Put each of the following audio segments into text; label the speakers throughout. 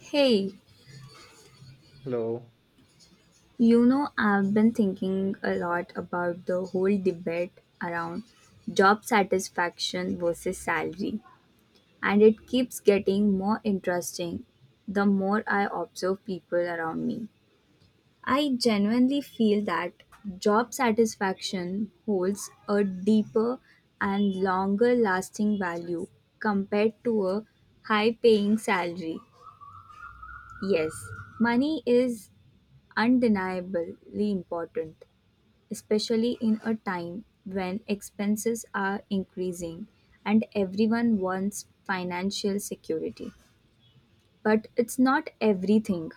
Speaker 1: Hey,
Speaker 2: Hello,
Speaker 1: you know, I've been thinking a lot about the whole debate around job satisfaction versus salary, and it keeps getting more interesting the more I observe people around me. I genuinely feel that job satisfaction holds a deeper and longer lasting value compared to a high paying salary. Yes, money is undeniably important, especially in a time when expenses are increasing and everyone wants financial security. But it's not everything.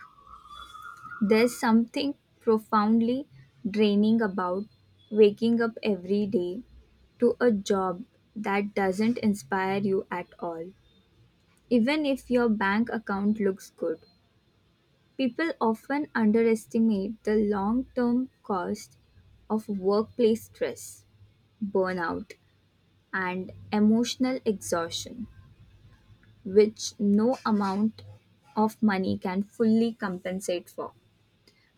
Speaker 1: There's something profoundly draining about waking up every day to a job that doesn't inspire you at all. Even if your bank account looks good, people often underestimate the long term cost of workplace stress, burnout, and emotional exhaustion, which no amount of money can fully compensate for.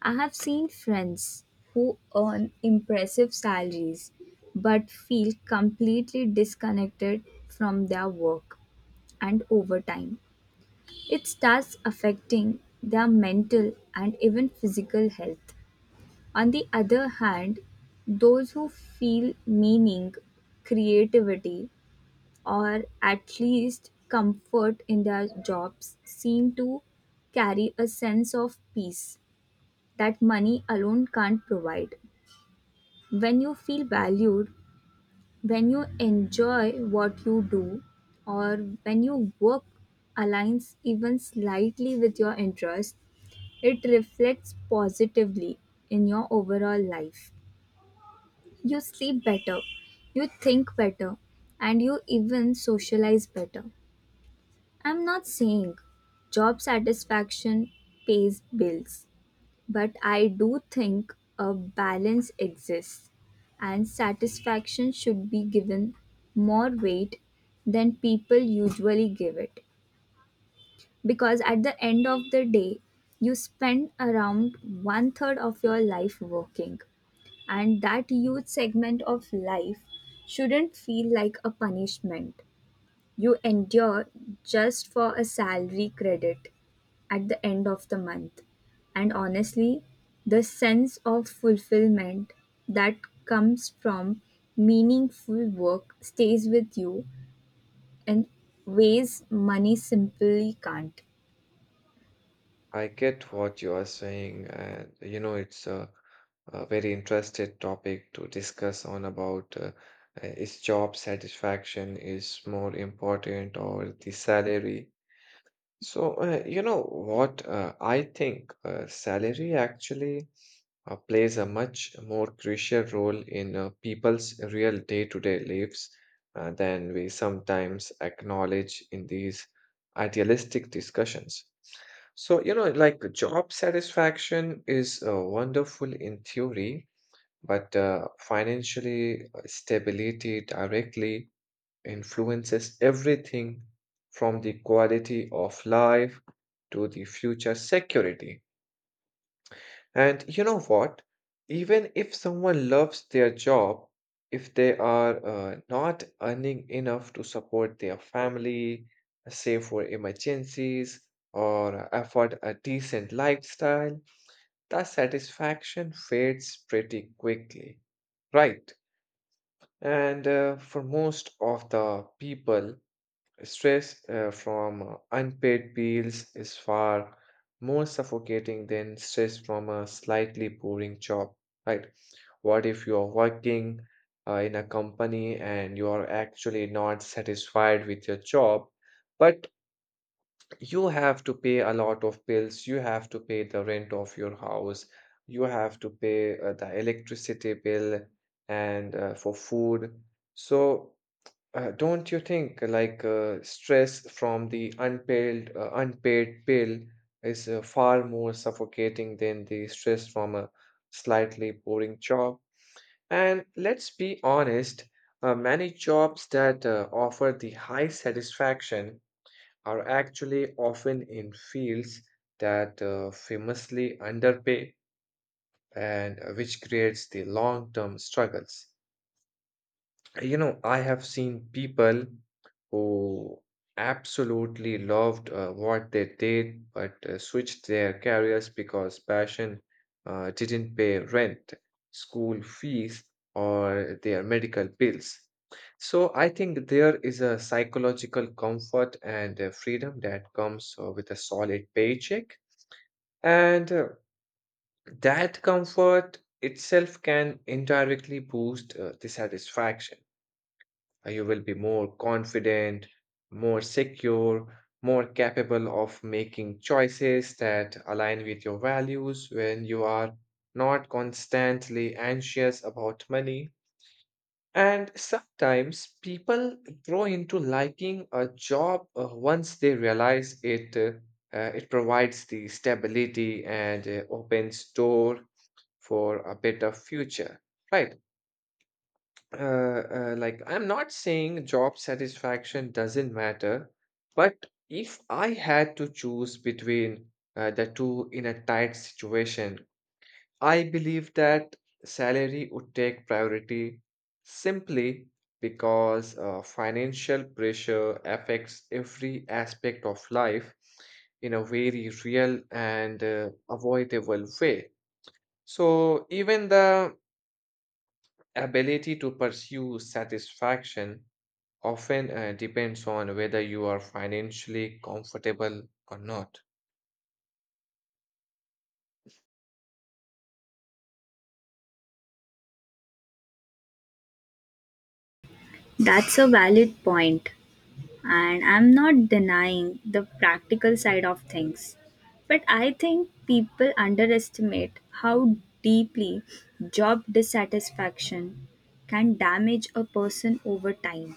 Speaker 1: I have seen friends who earn impressive salaries but feel completely disconnected from their work and overtime. It starts affecting their mental and even physical health. On the other hand, those who feel meaning, creativity, or at least comfort in their jobs, seem to carry a sense of peace that money alone can't provide. When you feel valued, when you enjoy what you do, or when your work aligns even slightly with your interests, it reflects positively in your overall life. You sleep better, you think better, and you even socialize better. I'm not saying job satisfaction pays bills, but I do think a balance exists and satisfaction should be given more weight than people usually give it. Because at the end of the day, you spend around one third of your life working, and that huge segment of life shouldn't feel like a punishment you endure just for a salary credit at the end of the month. And honestly, the sense of fulfillment that comes from meaningful work stays with you in ways money simply can't.
Speaker 2: I get what you are saying, and you know it's a very interested topic to discuss on about is job satisfaction is more important or the salary. So, you know what? I think salary actually plays a much more crucial role in people's real day-to-day lives than we sometimes acknowledge in these idealistic discussions. So, you know, like job satisfaction is wonderful in theory, but financially stability directly influences everything from the quality of life to the future security. And you know what? Even if someone loves their job, if they are not earning enough to support their family, save for emergencies, or afford a decent lifestyle, the satisfaction fades pretty quickly. Right. And for most of the people, stress from unpaid bills is far more suffocating than stress from a slightly boring job, right? What if you are working in a company and you are actually not satisfied with your job, but you have to pay a lot of bills. You have to pay the rent of your house. You have to pay the electricity bill and for food. So don't you think like stress from the unpaid bill is far more suffocating than the stress from a slightly boring job? And let's be honest, many jobs that offer the high satisfaction are actually often in fields that famously underpay and which creates the long-term struggles. You know, I have seen people who absolutely loved what they did, but switched their careers because passion didn't pay rent, school fees, or their medical bills. So I think there is a psychological comfort and freedom that comes with a solid paycheck. And that comfort itself can indirectly boost the satisfaction you will be more confident, more secure, more capable of making choices that align with your values when you are not constantly anxious about money. And sometimes people grow into liking a job once they realize it provides the stability and opens door for a better future, right? Like I'm not saying job satisfaction doesn't matter, but if I had to choose between the two in a tight situation, I believe that salary would take priority simply because financial pressure affects every aspect of life in a very real and avoidable way. So even the ability to pursue satisfaction often depends on whether you are financially comfortable or not.
Speaker 1: That's a valid point, and I'm not denying the practical side of things. But I think people underestimate how deeply job dissatisfaction can damage a person over time.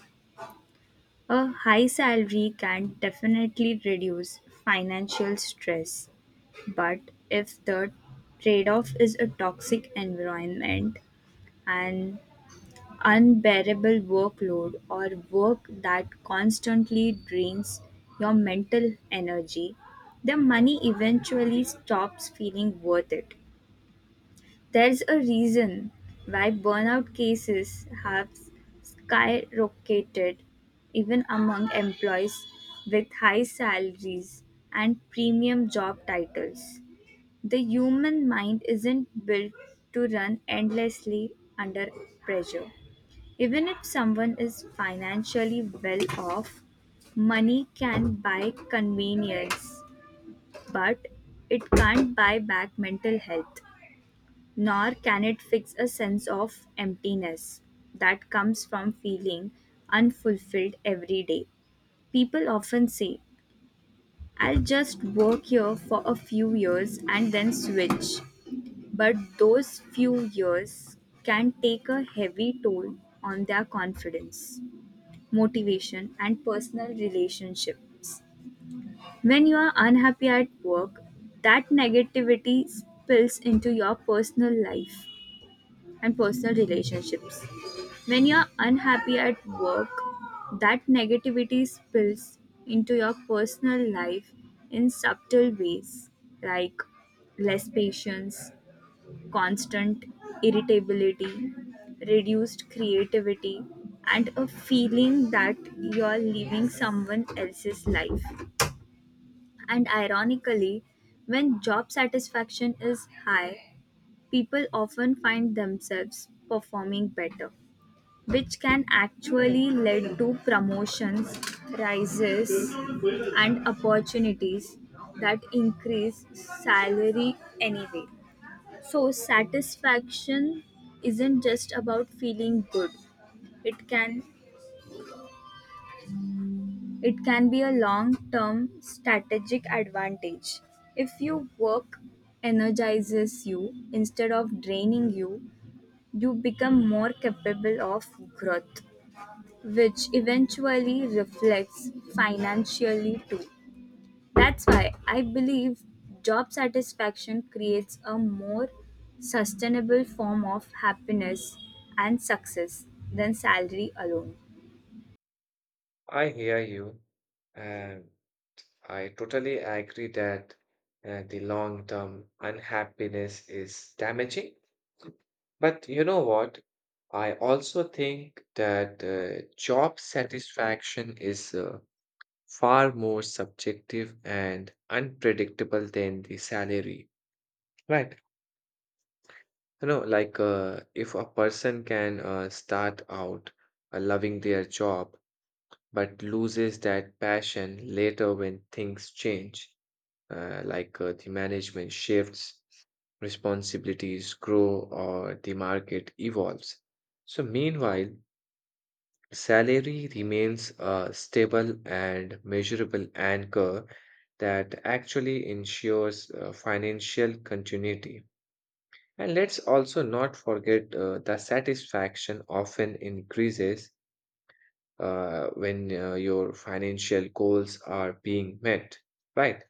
Speaker 1: A high salary can definitely reduce financial stress, but if the trade off is a toxic environment, an unbearable workload, or work that constantly drains your mental energy, the money eventually stops feeling worth it. There's a reason why burnout cases have skyrocketed even among employees with high salaries and premium job titles. The human mind isn't built to run endlessly under pressure. Even if someone is financially well off, money can buy convenience, but it can't buy back mental health. Nor can it fix a sense of emptiness that comes from feeling unfulfilled every day. People often say, I'll just work here for a few years and then switch. But those few years can take a heavy toll on their confidence, motivation, and personal relationships. When you are unhappy at work, that negativity spills into your personal life and personal relationships. When you're unhappy at work, that negativity spills into your personal life in subtle ways like less patience, constant irritability, reduced creativity, and a feeling that you're living someone else's life. And ironically, when job satisfaction is high, people often find themselves performing better which can actually lead to promotions, rises, and opportunities that increase salary anyway. So, satisfaction isn't just about feeling good. It can it can be a long-term strategic advantage. If your work energizes you instead of draining you, you become more capable of growth, which eventually reflects financially too. That's why I believe job satisfaction creates a more sustainable form of happiness and success than salary alone.
Speaker 2: I hear you, and I totally agree that the long-term unhappiness is damaging. But you know what? I also think that job satisfaction is far more subjective and unpredictable than the salary, right? You know, like if a person can start out loving their job but loses that passion later when things change, like the management shifts, responsibilities grow, or the market evolves. So, meanwhile, salary remains a stable and measurable anchor that actually ensures financial continuity. And let's also not forget the satisfaction often increases when your financial goals are being met, right?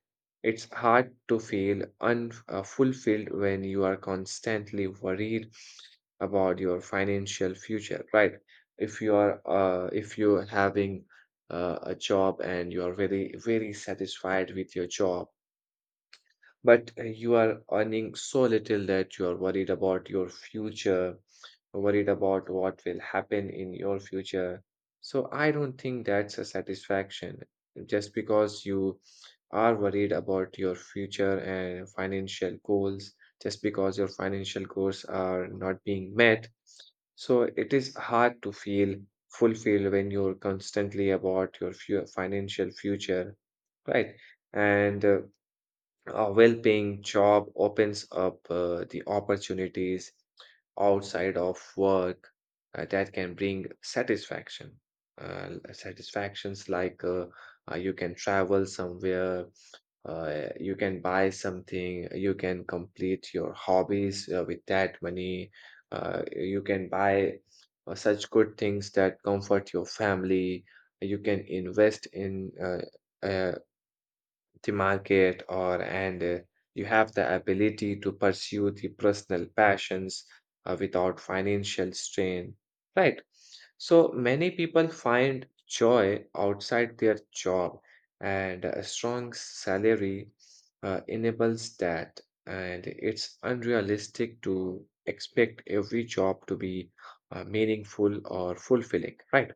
Speaker 2: It's hard to feel unfulfilled when you are constantly worried about your financial future, right? If you are if you're having a job and you are very very satisfied with your job but you are earning so little that you are worried about your future, worried about what will happen in your future. So I don't think that's a satisfaction. Just because you are worried about your future and financial goals, just because your financial goals are not being met. So it is hard to feel fulfilled when you're constantly about your financial future, right? And a well-paying job opens up the opportunities outside of work that can bring satisfaction. Satisfactions like you can travel somewhere, uh, you can buy something, you can complete your hobbies with that money, you can buy such good things that comfort your family, you can invest in the market or and you have the ability to pursue the personal passions without financial strain, right? So many people find joy outside their job and a strong salary enables that, and it's unrealistic to expect every job to be meaningful or fulfilling, right?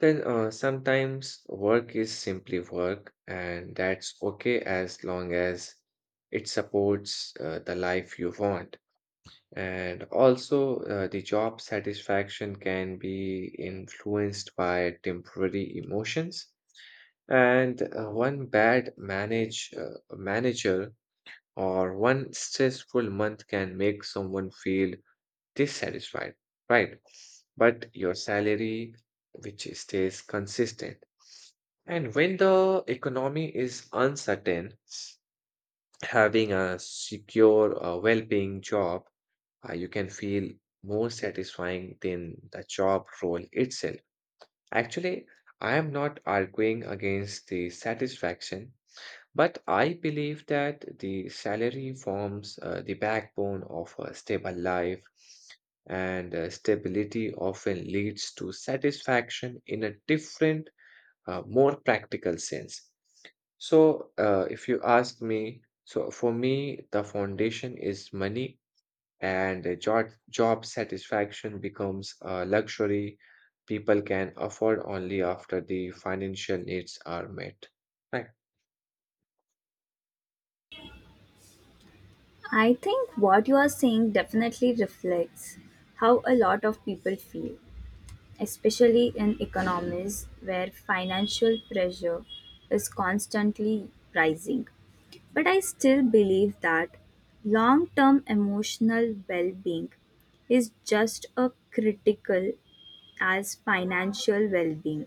Speaker 2: Then sometimes work is simply work, and that's okay as long as it supports the life you want. And also, the job satisfaction can be influenced by temporary emotions. And one bad manage manager or one stressful month can make someone feel dissatisfied, right? But your salary, which stays consistent. And when the economy is uncertain, having a secure, well-paying job, you can feel more satisfying than the job role itself. Actually, I am not arguing against the satisfaction. But I believe that the salary forms the backbone of a stable life, and stability often leads to satisfaction in a different, more practical sense. So, if you ask me, so for me, the foundation is money, and job satisfaction becomes a luxury people can afford only after the financial needs are met. Right.
Speaker 1: I think what you are saying definitely reflects how a lot of people feel, especially in economies where financial pressure is constantly rising. But I still believe that long term emotional well being is just as critical as financial well being.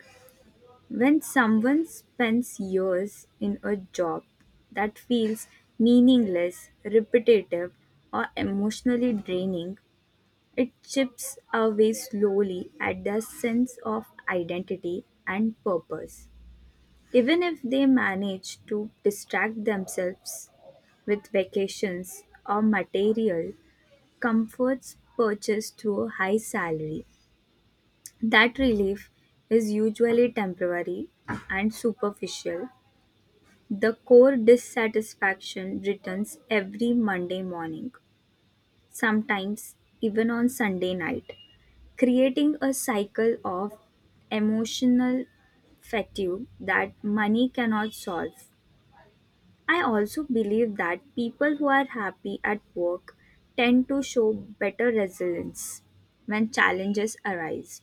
Speaker 1: When someone spends years in a job that feels meaningless, repetitive, or emotionally draining, it chips away slowly at their sense of identity and purpose. Even if they manage to distract themselves with vacations or material comforts purchased through a high salary, that relief is usually temporary and superficial. The core dissatisfaction returns every Monday morning, sometimes even on Sunday night, creating a cycle of emotional fatigue that money cannot solve. I also believe that people who are happy at work tend to show better resilience when challenges arise.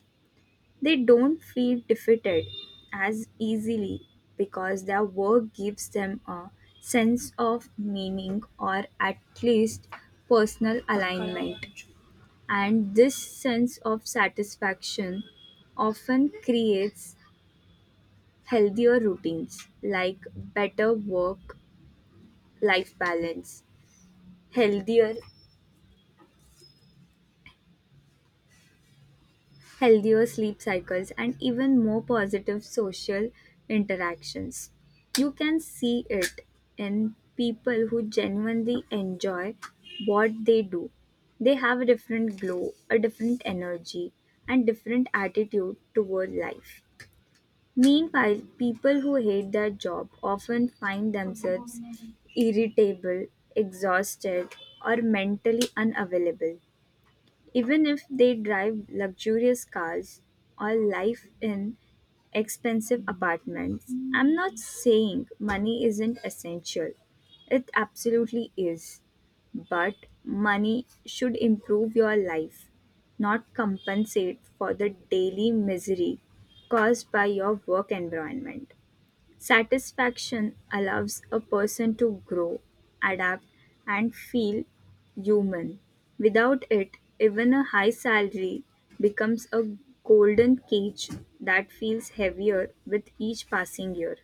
Speaker 1: They don't feel defeated as easily because their work gives them a sense of meaning or at least personal alignment. And this sense of satisfaction often creates healthier routines like better work life balance, healthier healthier sleep cycles, and even more positive social interactions. You can see it in people who genuinely enjoy what they do. They have a different glow, a different energy, and different attitude toward life. Meanwhile, people who hate their job often find themselves irritable, exhausted, or mentally unavailable, even if they drive luxurious cars or live in expensive apartments. I'm not saying money isn't essential. It absolutely is. But money should improve your life, not compensate for the daily misery caused by your work environment. Satisfaction allows a person to grow, adapt, and feel human. Without it, even a high salary becomes a golden cage that feels heavier with each passing year.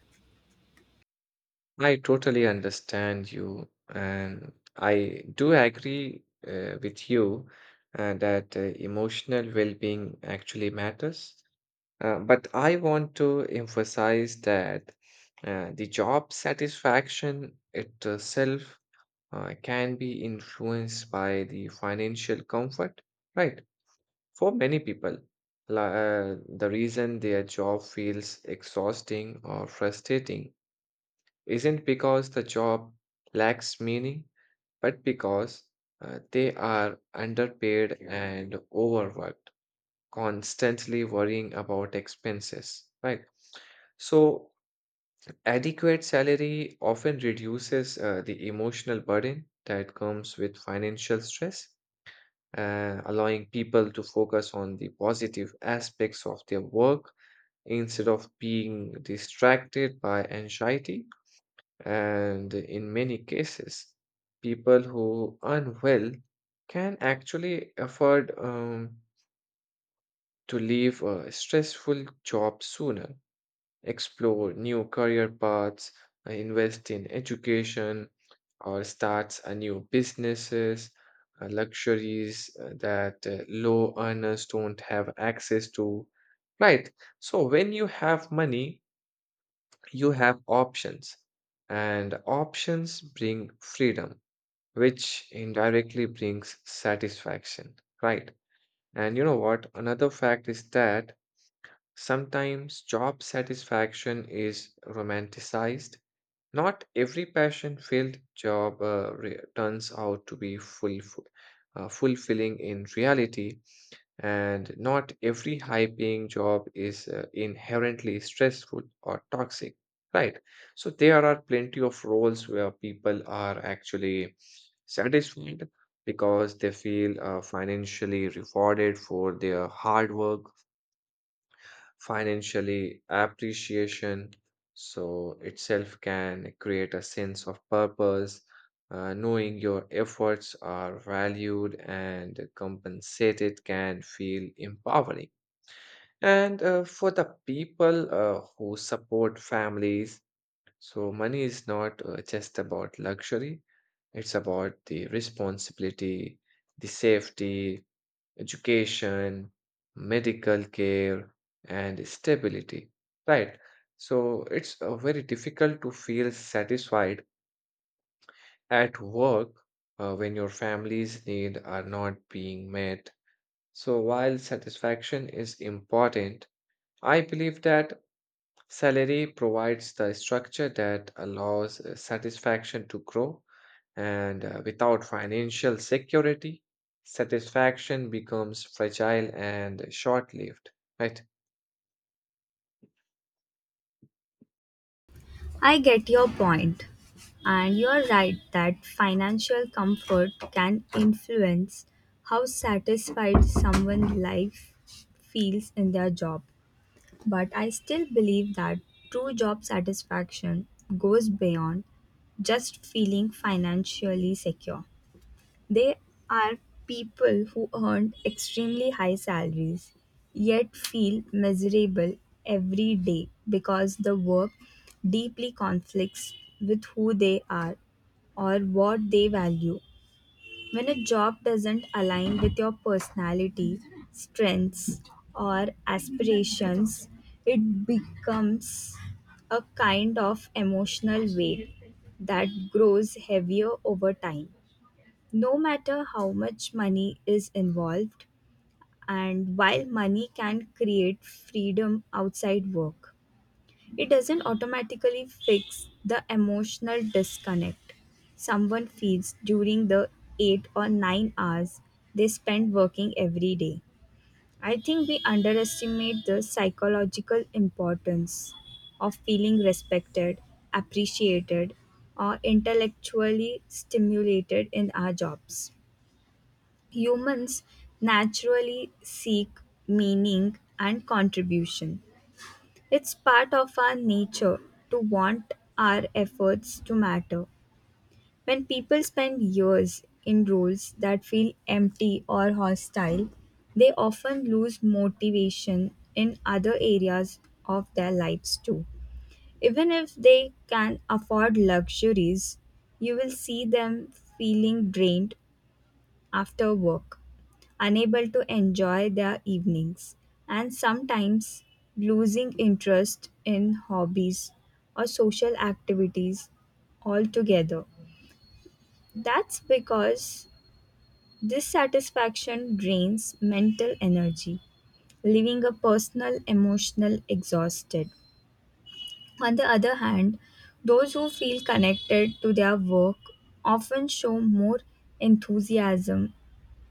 Speaker 2: I totally understand you, and I do agree with you that emotional well-being actually matters. But I want to emphasize that the job satisfaction itself can be influenced by the financial comfort, right? For many people, the reason their job feels exhausting or frustrating isn't because the job lacks meaning, but because they are underpaid and overworked, constantly worrying about expenses, right? So, adequate salary often reduces the emotional burden that comes with financial stress, allowing people to focus on the positive aspects of their work instead of being distracted by anxiety, and in many cases, people who are well can actually afford to leave a stressful job sooner, explore new career paths, invest in education, or start a new businesses, luxuries that low earners don't have access to. Right. So when you have money, you have options, and options bring freedom, which indirectly brings satisfaction, right? And you know what? Another fact is that sometimes job satisfaction is romanticized. Not every passion-filled job turns out to be fulfilling in reality, and not every high paying job is inherently stressful or toxic, right? So there are plenty of roles where people are actually satisfied because they feel financially rewarded for their hard work, financially appreciation. So itself can create a sense of purpose, knowing your efforts are valued and compensated can feel empowering. And for the people who support families, so money is not just about luxury, it's about the responsibility, the safety, education, medical care, and stability, right? So it's very difficult to feel satisfied at work when your family's need are not being met. So while satisfaction is important, I believe that salary provides the structure that allows satisfaction to grow, and without financial security, satisfaction becomes fragile and short lived, right?
Speaker 1: I get your point, and you're right that financial comfort can influence how satisfied someone's life feels in their job. But I still believe that true job satisfaction goes beyond just feeling financially secure. There are people who earn extremely high salaries yet feel miserable every day because the work deeply conflicts with who they are or what they value. When a job doesn't align with your personality, strengths, or aspirations, it becomes a kind of emotional weight that grows heavier over time, no matter how much money is involved. And while money can create freedom outside work, it doesn't automatically fix the emotional disconnect someone feels during the 8 or 9 hours they spend working every day. I think we underestimate the psychological importance of feeling respected, appreciated, or intellectually stimulated in our jobs. Humans naturally seek meaning and contribution. It's part of our nature to want our efforts to matter. When people spend years in roles that feel empty or hostile, they often lose motivation in other areas of their lives too. Even if they can afford luxuries, you will see them feeling drained after work, unable to enjoy their evenings, and sometimes losing interest in hobbies or social activities altogether. That's because dissatisfaction drains mental energy, leaving a personal emotional exhausted. On the other hand, those who feel connected to their work often show more enthusiasm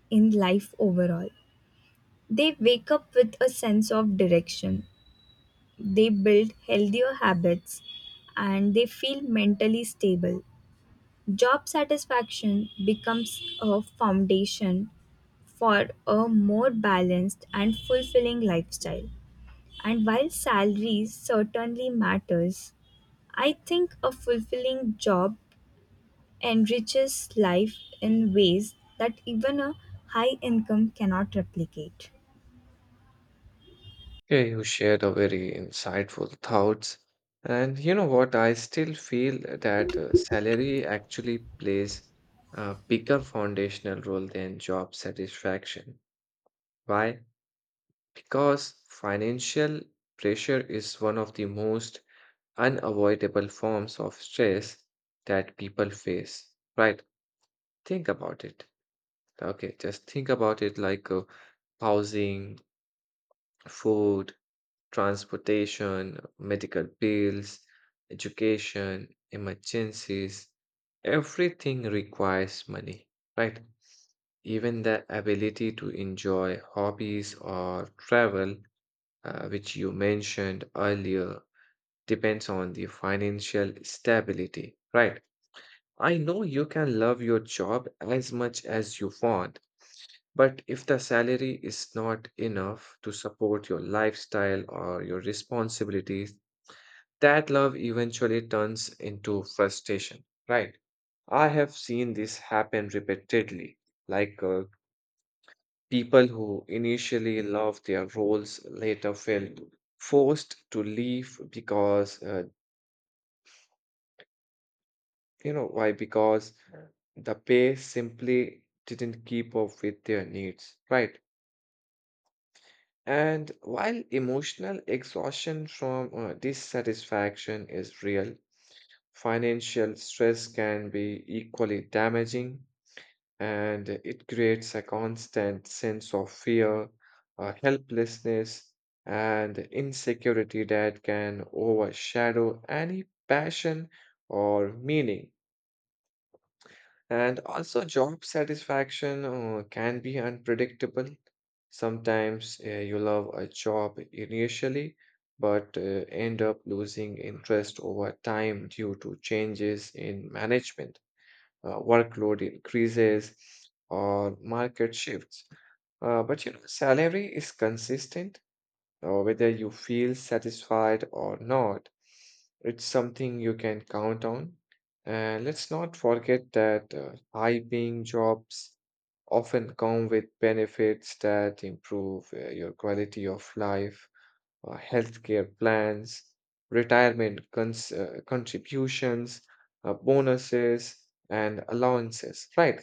Speaker 1: in life overall. They wake up with a sense of direction, they build healthier habits, and they feel mentally stable. Job satisfaction becomes a foundation for a more balanced and fulfilling lifestyle. And while salaries certainly matters, I think a fulfilling job enriches life in ways that even a high income cannot replicate.
Speaker 2: Yeah, you shared a very insightful thoughts. And you know what? I still feel that salary actually plays a bigger foundational role than job satisfaction. Why? Because financial pressure is one of the most unavoidable forms of stress that people face, right? Think about it. Okay, just think about it like housing, food, transportation, medical bills, education, emergencies, everything requires money, right? Even the ability to enjoy hobbies or travel, which you mentioned earlier, depends on the financial stability, right? I know you can love your job as much as you want, but if the salary is not enough to support your lifestyle or your responsibilities, that love eventually turns into frustration, right? I have seen this happen repeatedly, like people who initially love their roles later felt forced to leave because, you know, why? Because the pay simply didn't keep up with their needs, right? And while emotional exhaustion from dissatisfaction is real, financial stress can be equally damaging, and it creates a constant sense of fear, helplessness, and insecurity that can overshadow any passion or meaning. And also, job satisfaction can be unpredictable. Sometimes you love a job initially, but end up losing interest over time due to changes in management, workload increases or market shifts. But you know, salary is consistent, whether you feel satisfied or not. It's something you can count on. And let's not forget that high-paying jobs often come with benefits that improve your quality of life, healthcare plans, contributions, bonuses, and allowances, right?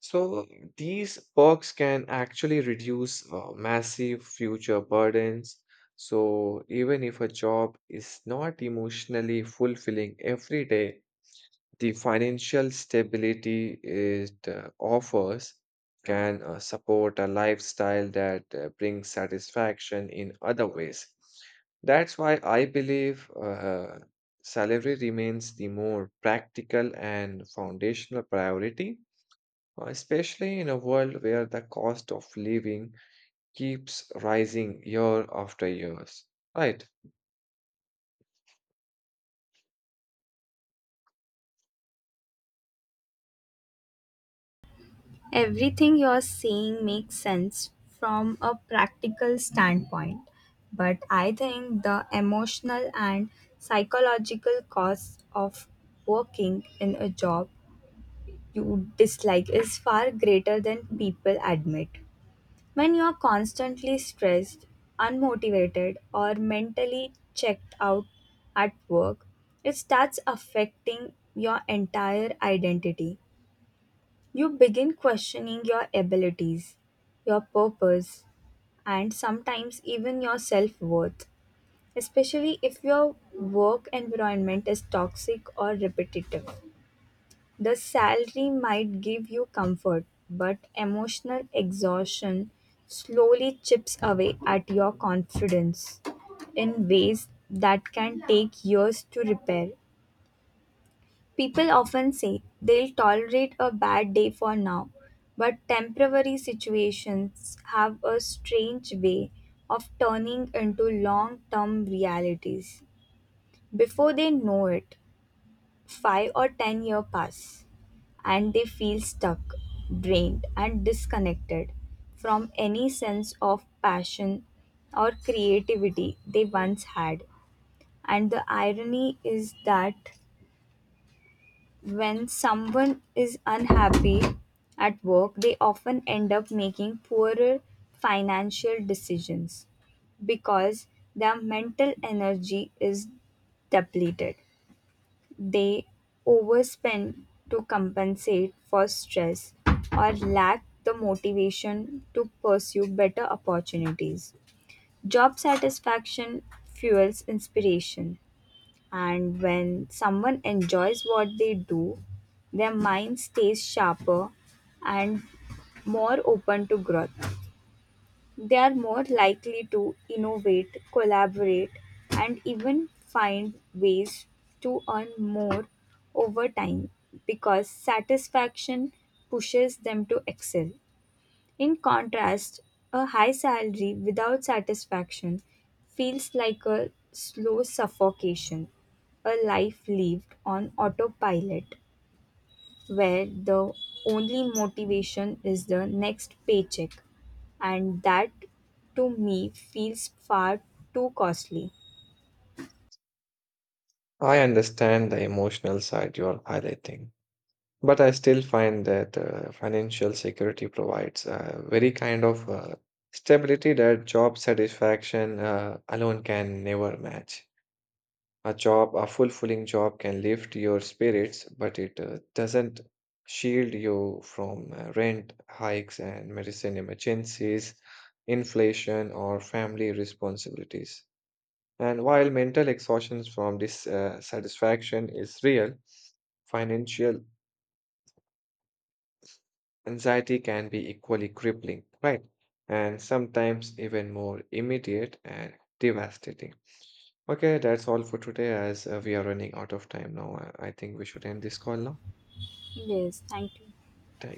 Speaker 2: So these perks can actually reduce massive future burdens. So even if a job is not emotionally fulfilling every day, the financial stability it offers can support a lifestyle that brings satisfaction in other ways. That's why I believe salary remains the more practical and foundational priority, especially in a world where the cost of living keeps rising year after years. Right.
Speaker 1: Everything you're saying makes sense from a practical standpoint, but I think the emotional and psychological costs of working in a job you dislike is far greater than people admit. When you're constantly stressed, unmotivated, or mentally checked out at work, it starts affecting your entire identity. You begin questioning your abilities, your purpose, and sometimes even your self worth, especially if your work environment is toxic or repetitive. The salary might give you comfort, but emotional exhaustion slowly chips away at your confidence in ways that can take years to repair. People often say they'll tolerate a bad day for now, but temporary situations have a strange way of turning into long term realities. Before they know it, 5 or 10 years pass and they feel stuck, drained, and disconnected from any sense of passion or creativity they once had. And the irony is that when someone is unhappy at work, they often end up making poorer financial decisions because their mental energy is depleted. They overspend to compensate for stress or lack the motivation to pursue better opportunities. Job satisfaction fuels inspiration, and when someone enjoys what they do, their mind stays sharper and more open to growth. They are more likely to innovate, collaborate, and even find ways to earn more over time because satisfaction pushes them to excel. In contrast, a high salary without satisfaction feels like a slow suffocation, a life lived on autopilot where the only motivation is the next paycheck, and that to me feels far too costly.
Speaker 2: I understand the emotional side you are highlighting. But I still find that financial security provides a very kind of stability that job satisfaction alone can never match. A job, a fulfilling job can lift your spirits, but it doesn't shield you from rent hikes and medicine emergencies, inflation, or family responsibilities. And while mental exhaustion from this satisfaction is real, financial anxiety can be equally crippling, right? And sometimes even more immediate and devastating. Okay, that's all for today as we are running out of time now. I think we should end this call now.
Speaker 1: Yes, thank you.
Speaker 2: Thank you.